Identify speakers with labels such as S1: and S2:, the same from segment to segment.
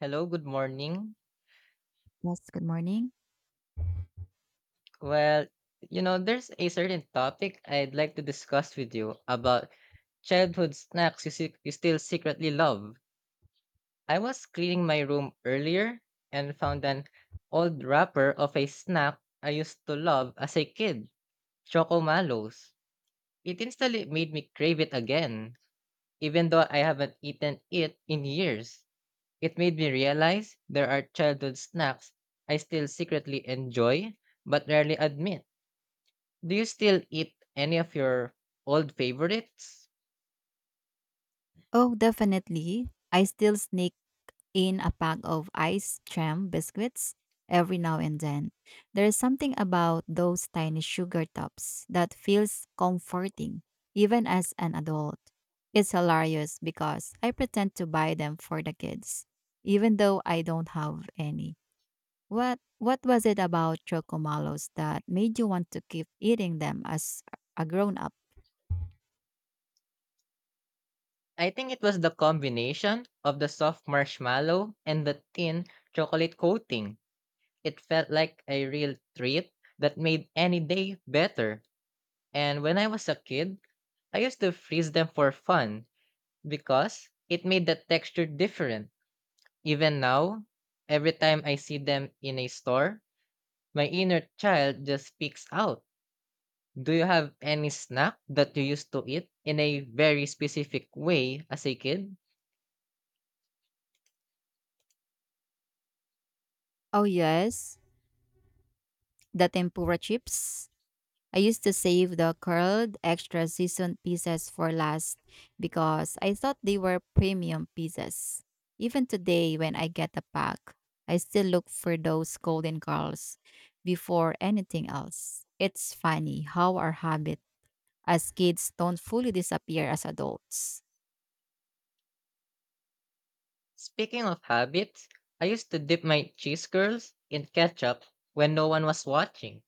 S1: Hello, good morning.
S2: Yes, good morning.
S1: Well, you know, there's a certain topic I'd like to discuss with you about childhood snacks you still secretly love. I was cleaning my room earlier and found an old wrapper of a snack I used to love as a kid, Chocomalos. It instantly made me crave it again, even though I haven't eaten it in years. It made me realize there are childhood snacks I still secretly enjoy but rarely admit. Do you still eat any of your old favorites?
S2: Oh, definitely. I still sneak in a pack of ice jam biscuits every now and then. There's something about those tiny sugar tops that feels comforting, even as an adult. It's hilarious because I pretend to buy them for the kids, even though I don't have any. What was it about chocomalos that made you want to keep eating them as a grown up?
S1: I think it was the combination of the soft marshmallow and the thin chocolate coating. It felt like a real treat that made any day better. And when I was a kid, I used to freeze them for fun because it made the texture different. Even now, every time I see them in a store, my inner child just speaks out. Do you have any snack that you used to eat in a very specific way as a kid?
S2: Oh yes, the tempura chips. I used to save the curled extra seasoned pieces for last because I thought they were premium pieces. Even today when I get a pack, I still look for those golden curls before anything else. It's funny how our habits as kids don't fully disappear as adults.
S1: Speaking of habits, I used to dip my cheese curls in ketchup when no one was watching.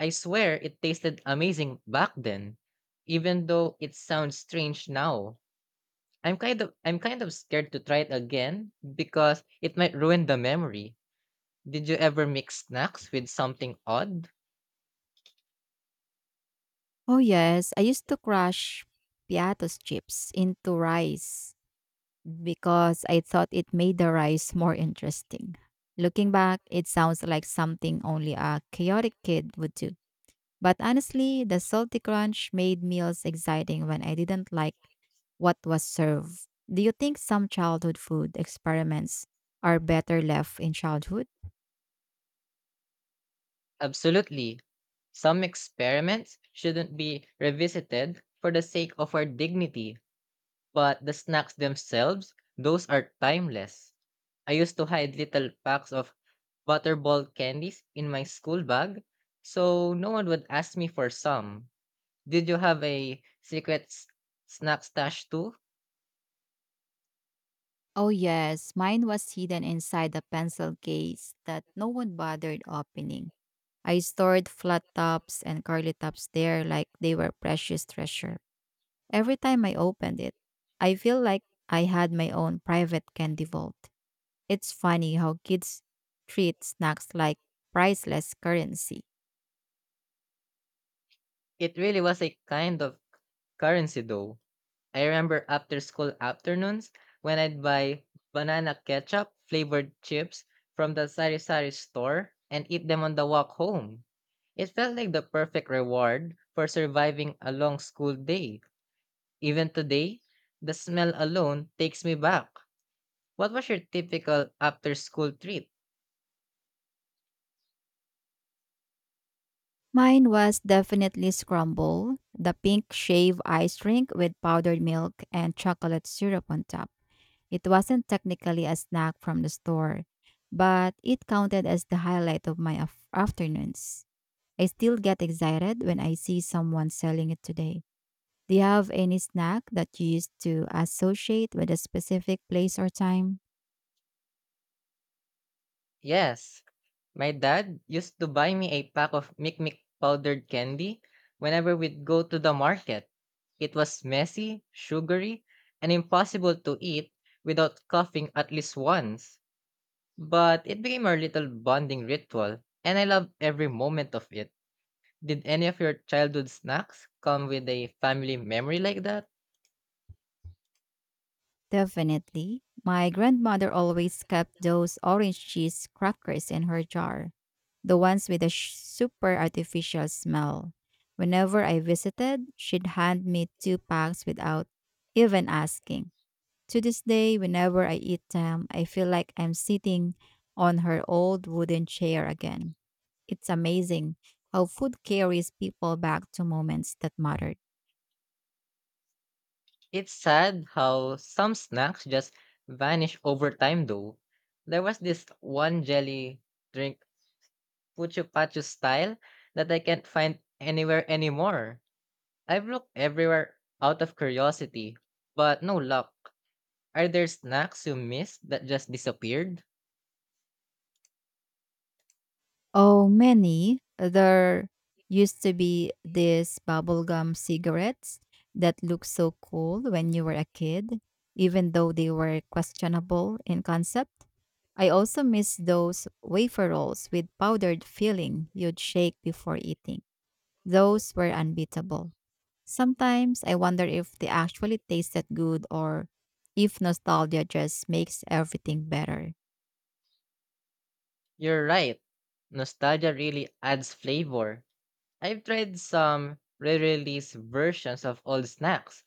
S1: I swear it tasted amazing back then, even though it sounds strange now. I'm kind of scared to try it again because it might ruin the memory. Did you ever mix snacks with something odd?
S2: Oh, yes, I used to crush piatos chips into rice because I thought it made the rice more interesting. Looking back, it sounds like something only a chaotic kid would do. But honestly, the salty crunch made meals exciting when I didn't like what was served. Do you think some childhood food experiments are better left in childhood?
S1: Absolutely. Some experiments shouldn't be revisited for the sake of our dignity, but the snacks themselves, those are timeless. I used to hide little packs of butterball candies in my school bag, so no one would ask me for some. Did you have a snack stash too?
S2: Oh, yes. Mine was hidden inside a pencil case that no one bothered opening. I stored flat tops and curly tops there like they were precious treasure. Every time I opened it, I feel like I had my own private candy vault. It's funny how kids treat snacks like priceless currency.
S1: It really was a kind of currency though. I remember after school afternoons when I'd buy banana ketchup flavored chips from the sari-sari store and eat them on the walk home. It felt like the perfect reward for surviving a long school day. Even today, the smell alone takes me back. What was your typical after school treat?
S2: Mine was definitely Scramble, the pink shave ice drink with powdered milk and chocolate syrup on top. It wasn't technically a snack from the store, but it counted as the highlight of my afternoons. I still get excited when I see someone selling it today. Do you have any snack that you used to associate with a specific place or time?
S1: Yes. My dad used to buy me a pack of Mikmik powdered candy whenever we'd go to the market. It was messy, sugary, and impossible to eat without coughing at least once. But it became our little bonding ritual, and I loved every moment of it. Did any of your childhood snacks come with a family memory like that?
S2: Definitely. My grandmother always kept those orange cheese crackers in her jar, the ones with a super artificial smell. Whenever I visited, she'd hand me 2 packs without even asking. To this day, whenever I eat them, I feel like I'm sitting on her old wooden chair again. It's amazing how food carries people back to moments that mattered.
S1: It's sad how some snacks just vanish over time, though. There was this one jelly drink Pucho Pacho style that I can't find anywhere anymore. I've looked everywhere out of curiosity, but no luck. Are there snacks you missed that just disappeared?
S2: Oh, many. There used to be these bubblegum cigarettes that looked so cool when you were a kid, even though they were questionable in concept. I also miss those wafer rolls with powdered filling you'd shake before eating. Those were unbeatable. Sometimes I wonder if they actually tasted good or if nostalgia just makes everything better.
S1: You're right. Nostalgia really adds flavor. I've tried some re-release versions of old snacks,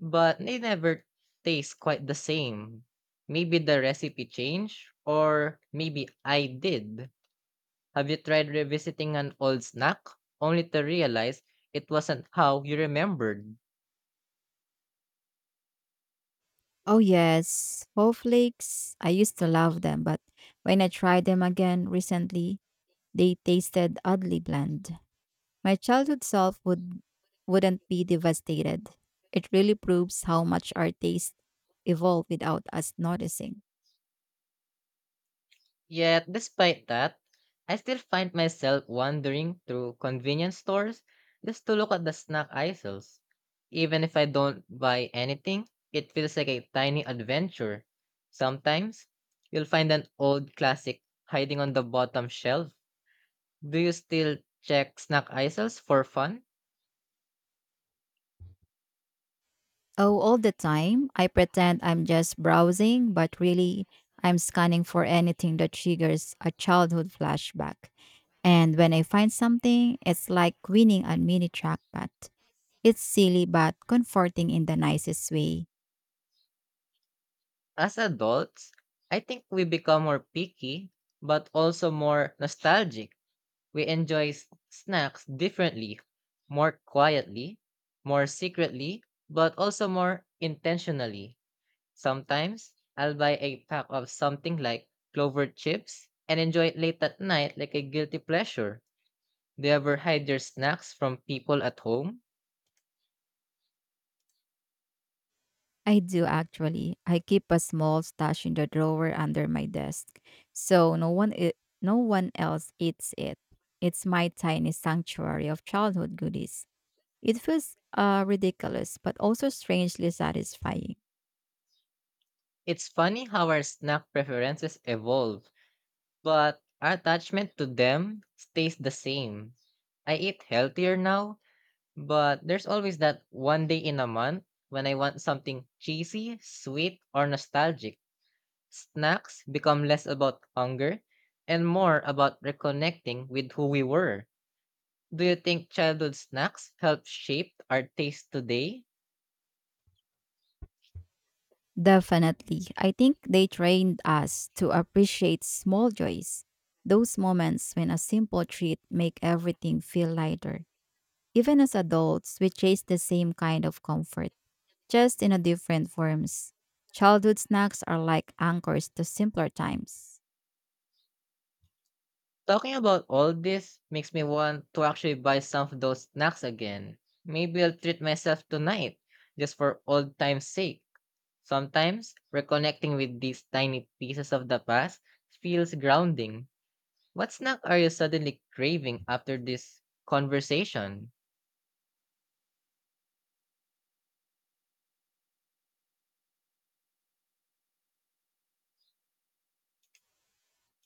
S1: but they never taste quite the same. Maybe the recipe changed, or maybe I did. Have you tried revisiting an old snack only to realize it wasn't how you remembered?
S2: Oh yes, whole flakes. I used to love them, but when I tried them again recently, they tasted oddly bland. My childhood self would Wouldn't be devastated. It really proves how much our taste evolve without us noticing.
S1: Yet, despite that, I still find myself wandering through convenience stores just to look at the snack aisles. Even if I don't buy anything, it feels like a tiny adventure. Sometimes, you'll find an old classic hiding on the bottom shelf. Do you still check snack aisles for fun?
S2: Oh, all the time. I pretend I'm just browsing, but really I'm scanning for anything that triggers a childhood flashback. And when I find something, it's like winning a mini trackpad. It's silly but comforting in the nicest way.
S1: As adults, I think we become more picky, but also more nostalgic. We enjoy snacks differently, more quietly, more secretly, but also more intentionally. Sometimes I'll buy a pack of something like clover chips and enjoy it late at night like a guilty pleasure. Do you ever hide your snacks from people at home?
S2: I do actually. I keep a small stash in the drawer under my desk, so no one else eats it. It's my tiny sanctuary of childhood goodies. It feels ridiculous, but also strangely satisfying.
S1: It's funny how our snack preferences evolve. But our attachment to them stays the same. I eat healthier now, but there's always that one day in a month when I want something cheesy, sweet, or nostalgic. Snacks become less about hunger and more about reconnecting with who we were. Do you think childhood snacks help shape our taste today?
S2: Definitely. I think they trained us to appreciate small joys, those moments when a simple treat make everything feel lighter. Even as adults, we chase the same kind of comfort, just in a different forms. Childhood snacks are like anchors to simpler times.
S1: Talking about all this makes me want to actually buy some of those snacks again. Maybe I'll treat myself tonight, just for old time's sake. Sometimes, reconnecting with these tiny pieces of the past feels grounding. What snack are you suddenly craving after this conversation?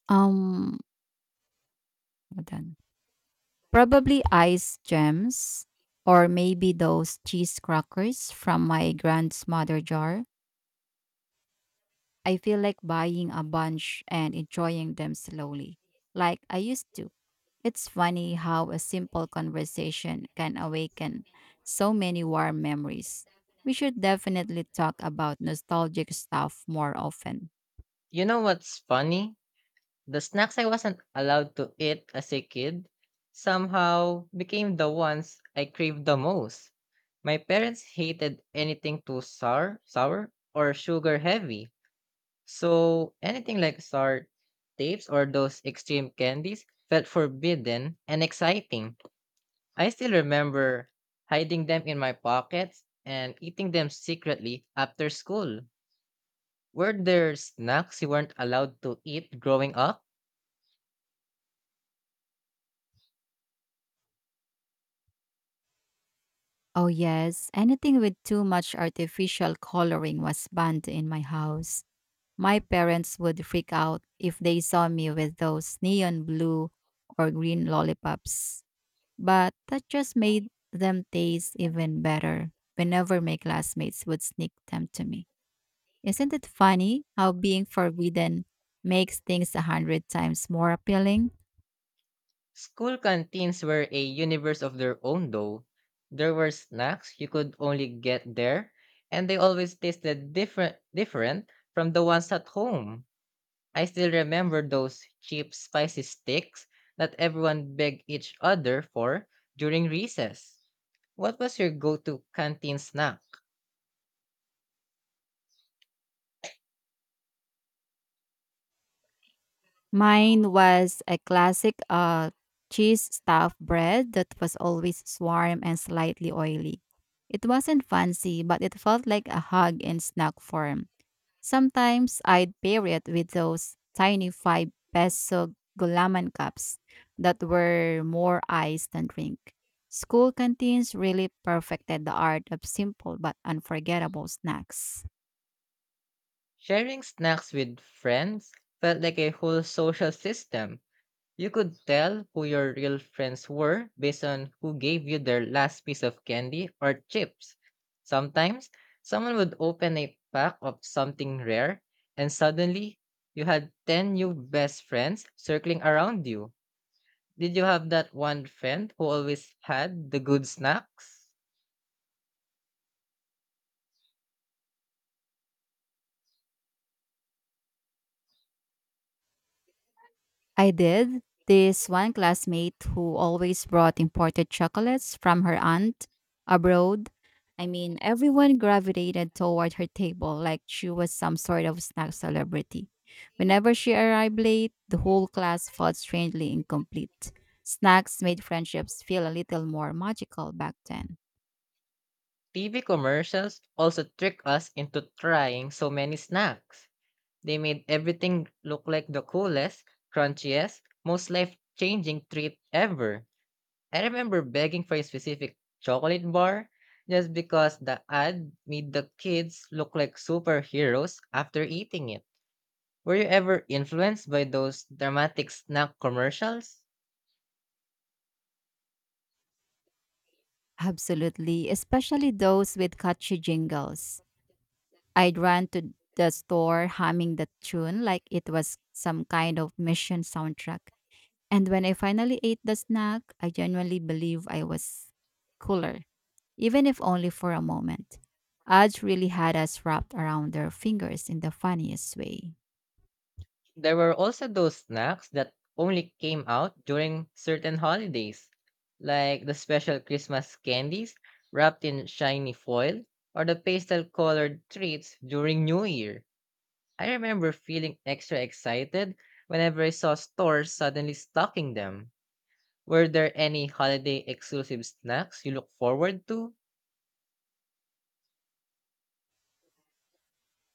S2: Um, Hold on. Probably ice gems or maybe those cheese crackers from my grandmother jar. I feel like buying a bunch and enjoying them slowly, like I used to. It's funny how a simple conversation can awaken so many warm memories. We should definitely talk about nostalgic stuff more often.
S1: You know what's funny? The snacks I wasn't allowed to eat as a kid somehow became the ones I craved the most. My parents hated anything too sour or sugar heavy. So anything like sour tapes or those extreme candies felt forbidden and exciting. I still remember hiding them in my pockets and eating them secretly after school. Were there snacks you weren't allowed to eat growing up?
S2: Oh, yes. Anything with too much artificial coloring was banned in my house. My parents would freak out if they saw me with those neon blue or green lollipops. But that just made them taste even better whenever my classmates would sneak them to me. Isn't it funny how being forbidden makes things 100 times more appealing?
S1: School canteens were a universe of their own, though. There were snacks you could only get there, and they always tasted different from the ones at home. I still remember those cheap spicy sticks that everyone begged each other for during recess. What was your go-to canteen snack?
S2: Mine was a classic cheese stuffed bread that was always warm and slightly oily. It wasn't fancy, but it felt like a hug in snack form. Sometimes I'd pair it with those tiny 5 peso gulaman cups that were more ice than drink. School canteens really perfected the art of simple but unforgettable snacks.
S1: Sharing snacks with friends felt like a whole social system. You could tell who your real friends were based on who gave you their last piece of candy or chips. Sometimes, someone would open a pack of something rare, and suddenly, you had 10 new best friends circling around you. Did you have that one friend who always had the good snacks?
S2: I did. This one classmate who always brought imported chocolates from her aunt abroad. I mean, everyone gravitated toward her table like she was some sort of snack celebrity. Whenever she arrived late, the whole class felt strangely incomplete. Snacks made friendships feel a little more magical back then.
S1: TV commercials also trick us into trying so many snacks. They made everything look like the coolest, crunchiest, most life changing treat ever. I remember begging for a specific chocolate bar just because the ad made the kids look like superheroes after eating it. Were you ever influenced by those dramatic snack commercials?
S2: Absolutely, especially those with catchy jingles. I'd run to the store humming the tune like it was some kind of mission soundtrack. And when I finally ate the snack, I genuinely believe I was cooler, even if only for a moment. Ads really had us wrapped around their fingers in the funniest way.
S1: There were also those snacks that only came out during certain holidays, like the special Christmas candies wrapped in shiny foil or the pastel colored treats during New Year. I remember feeling extra excited whenever I saw stores suddenly stocking them. Were there any holiday exclusive snacks you look forward to?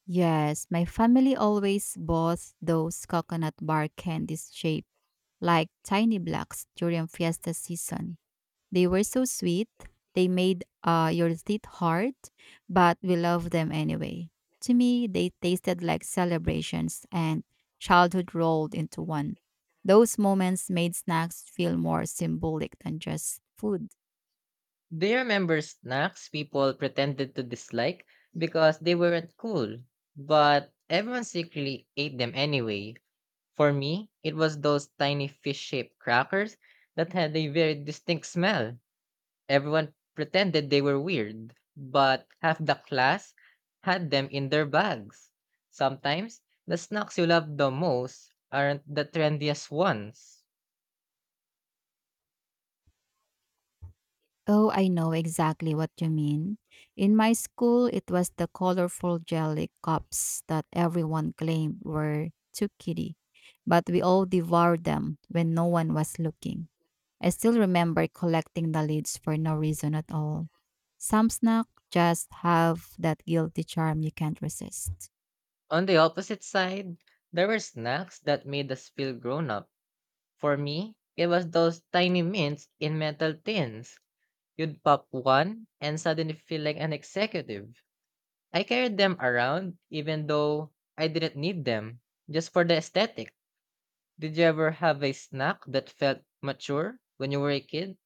S2: Yes, my family always bought those coconut bar candies shaped like tiny blocks during fiesta season. They were so sweet. They made your teeth hard, but we loved them anyway. To me, they tasted like celebrations and childhood rolled into one. Those moments made snacks feel more symbolic than just food.
S1: Do you remember snacks people pretended to dislike because they weren't cool? But everyone secretly ate them anyway. For me, it was those tiny fish shaped crackers that had a very distinct smell. Everyone pretended they were weird, but half the class had them in their bags. Sometimes, the snacks you love the most aren't the trendiest ones.
S2: Oh, I know exactly what you mean. In my school, it was the colorful jelly cups that everyone claimed were too kitty, but we all devoured them when no one was looking. I still remember collecting the lids for no reason at all. Some snacks just have that guilty charm you can't resist.
S1: On the opposite side, there were snacks that made us feel grown up. For me, it was those tiny mints in metal tins. You'd pop one and suddenly feel like an executive. I carried them around even though I didn't need them, just for the aesthetic. Did you ever have a snack that felt mature when you were a kid?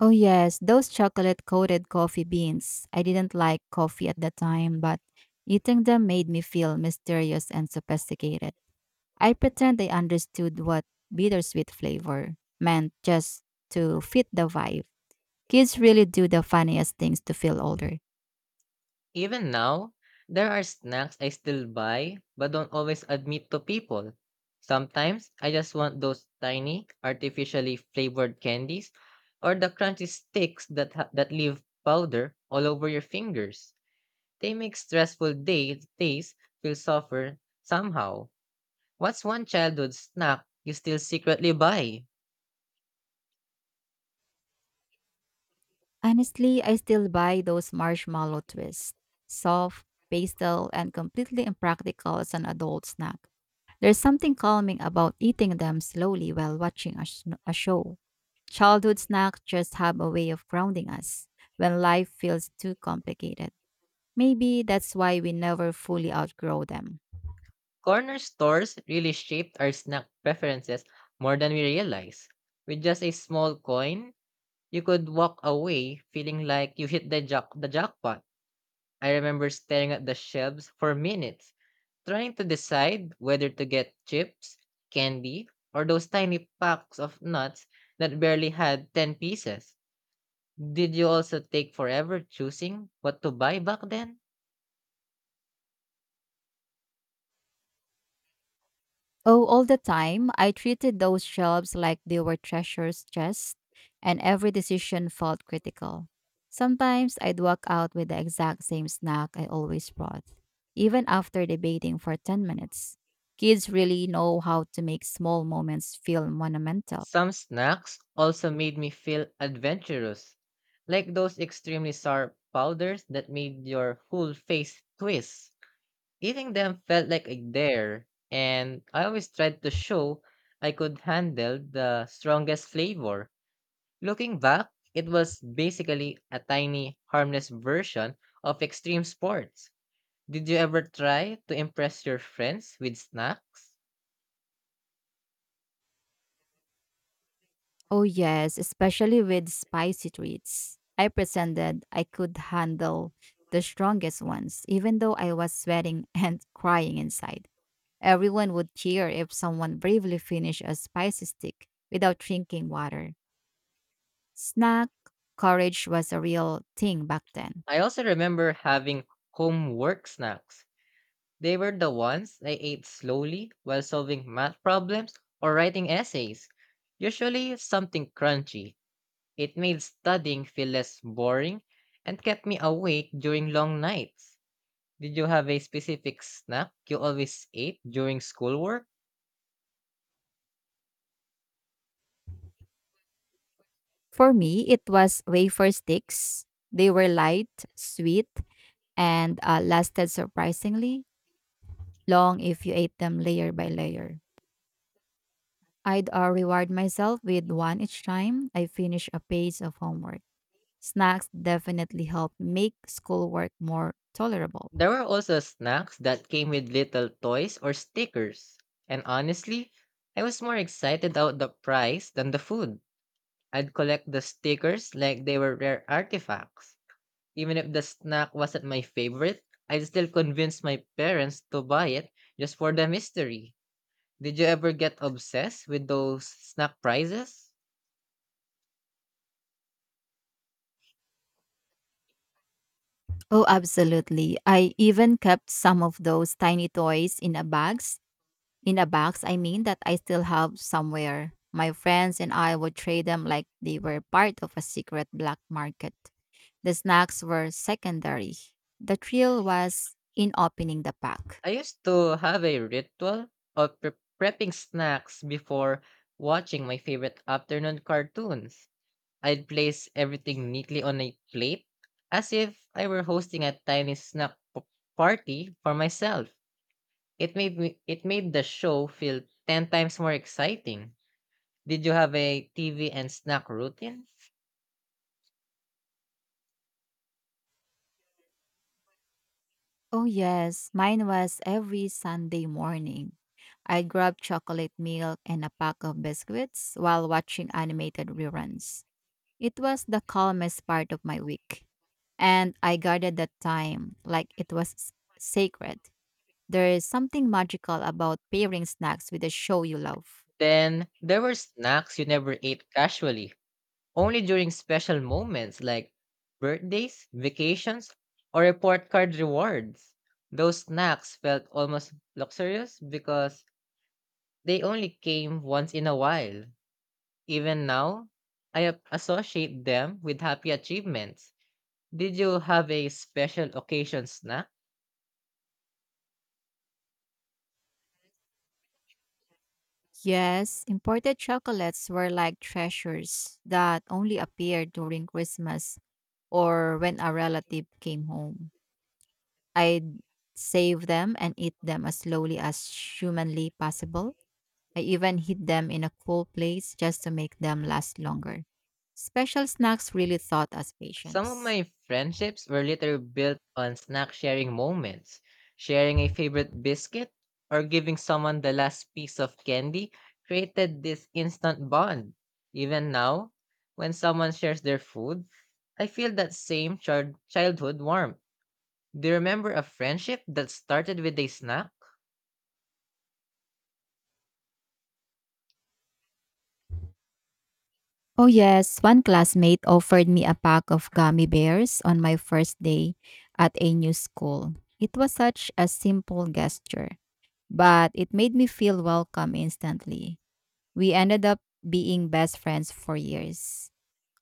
S2: Oh yes, those chocolate-coated coffee beans. I didn't like coffee at the time, but eating them made me feel mysterious and sophisticated. I pretend I understood what bittersweet flavor meant just to fit the vibe. Kids really do the funniest things to feel older.
S1: Even now, there are snacks I still buy but don't always admit to people. Sometimes I just want those tiny, artificially flavored candies or the crunchy sticks that that leave powder all over your fingers. They make days feel softer somehow. What's one childhood snack you still secretly buy?
S2: Honestly, I still buy those marshmallow twists. Soft, pastel, and completely impractical as an adult snack. There's something calming about eating them slowly while watching a show. Childhood snacks just have a way of grounding us when life feels too complicated. Maybe that's why we never fully outgrow them.
S1: Corner stores really shaped our snack preferences more than we realize. With just a small coin, you could walk away feeling like you hit the jackpot. I remember staring at the shelves for minutes, trying to decide whether to get chips, candy, or those tiny packs of nuts that barely had 10 pieces. Did you also take forever choosing what to buy back then?
S2: Oh, all the time. I treated those shelves like they were treasures chests, and every decision felt critical. Sometimes I'd walk out with the exact same snack I always brought, even after debating for 10 minutes. Kids really know how to make small moments feel monumental.
S1: Some snacks also made me feel adventurous, like those extremely sour powders that made your whole face twist. Eating them felt like a dare, and I always tried to show I could handle the strongest flavor. Looking back, it was basically a tiny, harmless version of extreme sports. Did you ever try to impress your friends with snacks?
S2: Oh, yes, especially with spicy treats. I pretended I could handle the strongest ones, even though I was sweating and crying inside. Everyone would cheer if someone bravely finished a spicy stick without drinking water. Snack courage was a real thing back then.
S1: I also remember having homework snacks. They were the ones I ate slowly while solving math problems or writing essays, usually something crunchy. It made studying feel less boring and kept me awake during long nights. Did you have a specific snack you always ate during schoolwork?
S2: For me, it was wafer sticks. They were light, sweet, and lasted surprisingly long if you ate them layer by layer. I'd reward myself with one each time I finished a page of homework. Snacks definitely helped make schoolwork more tolerable.
S1: There were also snacks that came with little toys or stickers. And honestly, I was more excited about the price than the food. I'd collect the stickers like they were rare artifacts. Even if the snack wasn't my favorite, I'd still convince my parents to buy it just for the mystery. Did you ever get obsessed with those snack prizes?
S2: Oh, absolutely. I even kept some of those tiny toys in a box, I mean, that I still have somewhere. My friends and I would trade them like they were part of a secret black market. The snacks were secondary. The thrill was in opening the pack.
S1: I used to have a ritual of prepping snacks before watching my favorite afternoon cartoons. I'd place everything neatly on a plate as if I were hosting a tiny party for myself. It made the show feel 10 times more exciting. Did you have a TV and snack routine?
S2: Oh, yes, mine was every Sunday morning. I grabbed chocolate milk and a pack of biscuits while watching animated reruns. It was the calmest part of my week. And I guarded that time like it was sacred. There is something magical about pairing snacks with a show you love.
S1: Then there were snacks you never ate casually, only during special moments like birthdays, vacations, or report card rewards. Those snacks felt almost luxurious because they only came once in a while. Even now, I associate them with happy achievements. Did you have a special occasion snack?
S2: Yes, imported chocolates were like treasures that only appeared during Christmas or when a relative came home. I'd save them and eat them as slowly as humanly possible. I even hid them in a cool place just to make them last longer. Special snacks really taught us
S1: Some of
S2: patience.
S1: my friendships were later built on snack sharing moments, sharing a favorite biscuit, or giving someone the last piece of candy created this instant bond. Even now, when someone shares their food, I feel that same childhood warmth. Do you remember a friendship that started with a snack?
S2: Oh, yes, one classmate offered me a pack of gummy bears on my first day at a new school. It was such a simple gesture, but it made me feel welcome instantly. We ended up being best friends for years,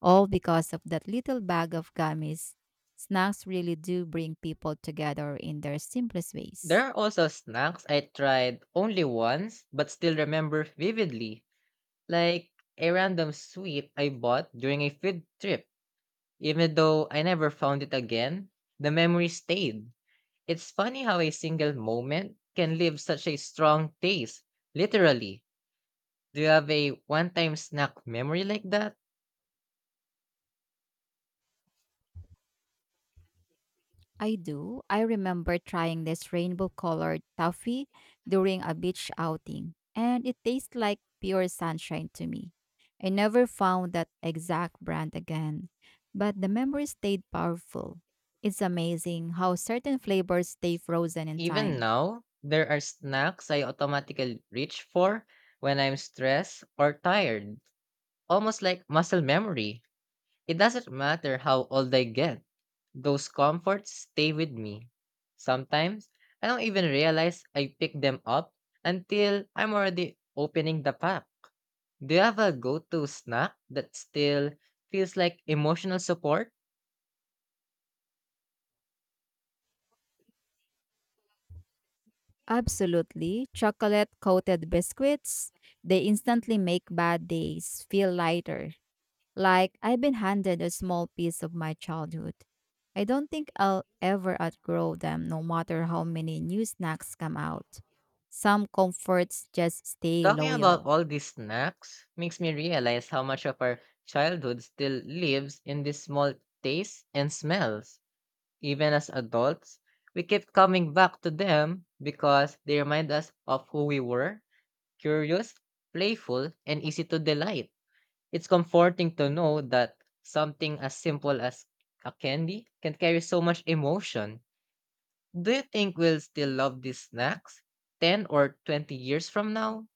S2: all because of that little bag of gummies. Snacks really do bring people together in their simplest
S1: There
S2: ways.
S1: are also snacks I tried only once but still remember vividly, like a random sweet I bought during a field trip. Even though I never found it again, the memory stayed. It's funny how a single moment can leave such a strong taste, literally. Do you have a one time snack memory like that?
S2: I do. I remember trying this rainbow colored toffee during a beach outing, and it tastes like pure sunshine to me. I never found that exact brand again, but the memory stayed powerful. It's amazing how certain flavors stay frozen in
S1: Even
S2: time.
S1: now, there are snacks I automatically reach for when I'm stressed or tired, almost like muscle memory. It doesn't matter how old I get, those comforts stay with me. Sometimes, I don't even realize I pick them up until I'm already opening the pack. Do you have a go to snack that still feels like emotional support?
S2: Absolutely. Chocolate coated biscuits, they instantly make bad days feel lighter. Like, I've been handed a small piece of my childhood. I don't think I'll ever outgrow them, no matter how many new snacks come out. Some comforts just stay
S1: Talking about
S2: loyal.
S1: all these snacks makes me realize how much of our childhood still lives in these small tastes and smells. Even as adults, we keep coming back to them because they remind us of who we were, curious, playful, and easy to delight. It's comforting to know that something as simple as a candy can carry so much emotion. Do you think we'll still love these snacks 10 or 20 years from now?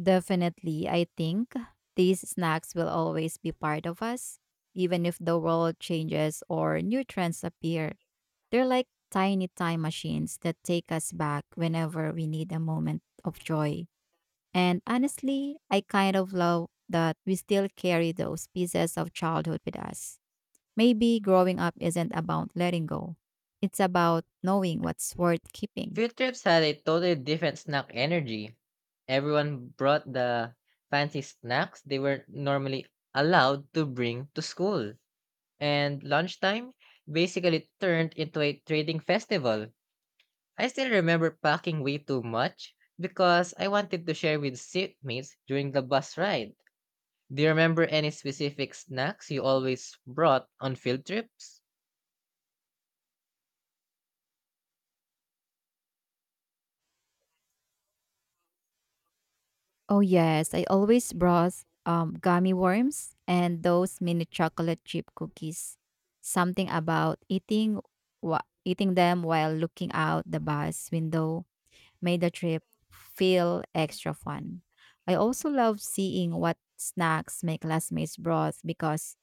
S2: Definitely, I think these snacks will always be part of us, even if the world changes or new trends appear. They're like tiny time machines that take us back whenever we need a moment of joy. And honestly, I kind of love that we still carry those pieces of childhood with us. Maybe growing up isn't about letting go, it's about knowing what's worth keeping.
S1: Field trips had a totally different snack energy. Everyone brought the fancy snacks they were normally allowed to bring to school. And lunchtime basically turned into a trading festival. I still remember packing way too much because I wanted to share with seatmates during the bus ride. Do you remember any specific snacks you always brought on field trips?
S2: Oh, yes, I always brought gummy worms and those mini chocolate chip cookies. Something about eating, eating them while looking out the bus window made the trip feel extra fun. I also loved seeing what snacks my classmates brought because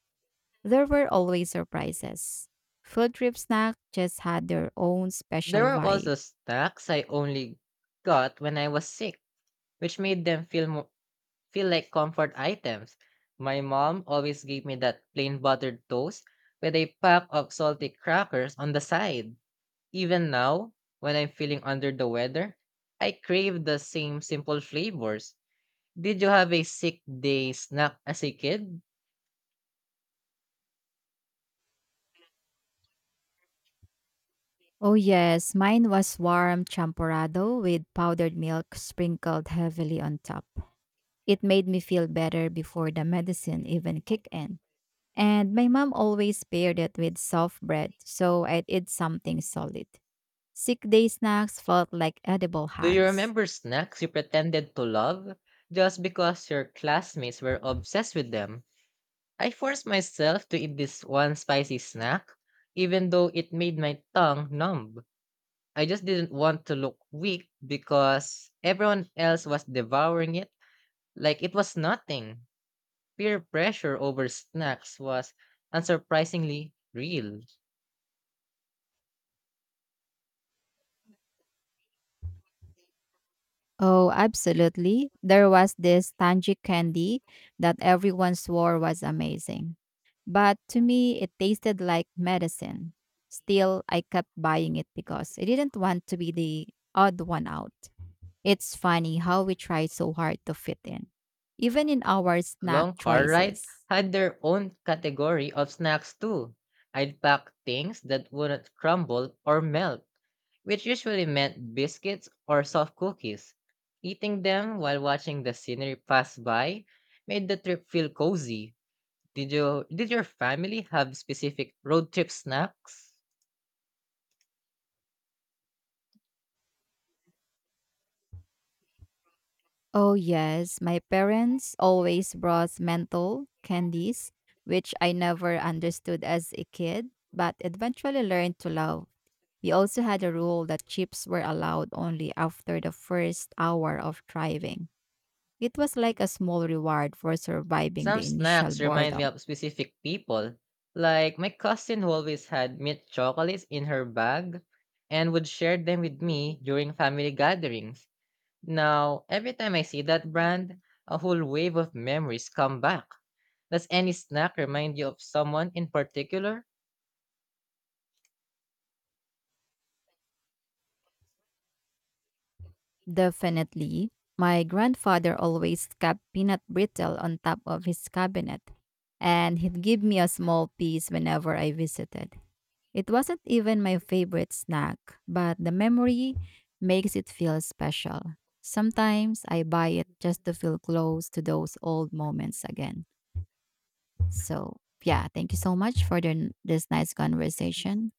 S2: there were always surprises. Field trip snacks just had their own
S1: There
S2: special
S1: were
S2: vibe.
S1: also snacks I only got when I was sick, which made them feel like comfort items. My mom always gave me that plain buttered toast with a pack of salty crackers on the side. Even now, when I'm feeling under the weather, I crave the same simple flavors. Did you have a sick day snack as a kid?
S2: Oh yes, mine was warm champorado with powdered milk sprinkled heavily on top. It made me feel better before the medicine even kicked in. And my mom always paired it with soft bread, so I'd eat something solid. Sick day snacks felt like edible
S1: Do you
S2: hugs.
S1: remember snacks you pretended to love just because your classmates were obsessed with them? I forced myself to eat this one spicy snack, even though it made my tongue numb. I just didn't want to look weak because everyone else was devouring it like it was nothing. Peer pressure over snacks was unsurprisingly real.
S2: Oh, absolutely. There was this tangic candy that everyone swore was amazing. But to me, it tasted like medicine. Still, I kept buying it because I didn't want to be the odd one out. It's funny how we try so hard to fit in, even in our snack
S1: Long car rides
S2: choices.
S1: had their own category of snacks too. I'd pack things that wouldn't crumble or melt, which usually meant biscuits or soft cookies. Eating them while watching the scenery pass by made the trip feel cozy. Did your family have specific road trip snacks?
S2: Oh, yes. My parents always brought menthol candies, which I never understood as a kid, but eventually learned to love. We also had a rule that chips were allowed only after the first hour of driving. It was like a small reward for surviving
S1: Some
S2: the initial
S1: snacks remind me
S2: boredom.
S1: of specific people. Like, my cousin who always had mint chocolates in her bag and would share them with me during family gatherings. Now, every time I see that brand, a whole wave of memories come back. Does any snack remind you of someone in particular?
S2: Definitely. My grandfather always kept peanut brittle on top of his cabinet, and he'd give me a small piece whenever I visited. It wasn't even my favorite snack, but the memory makes it feel special. Sometimes I buy it just to feel close to those old moments again. So, yeah, thank you so much for this nice conversation.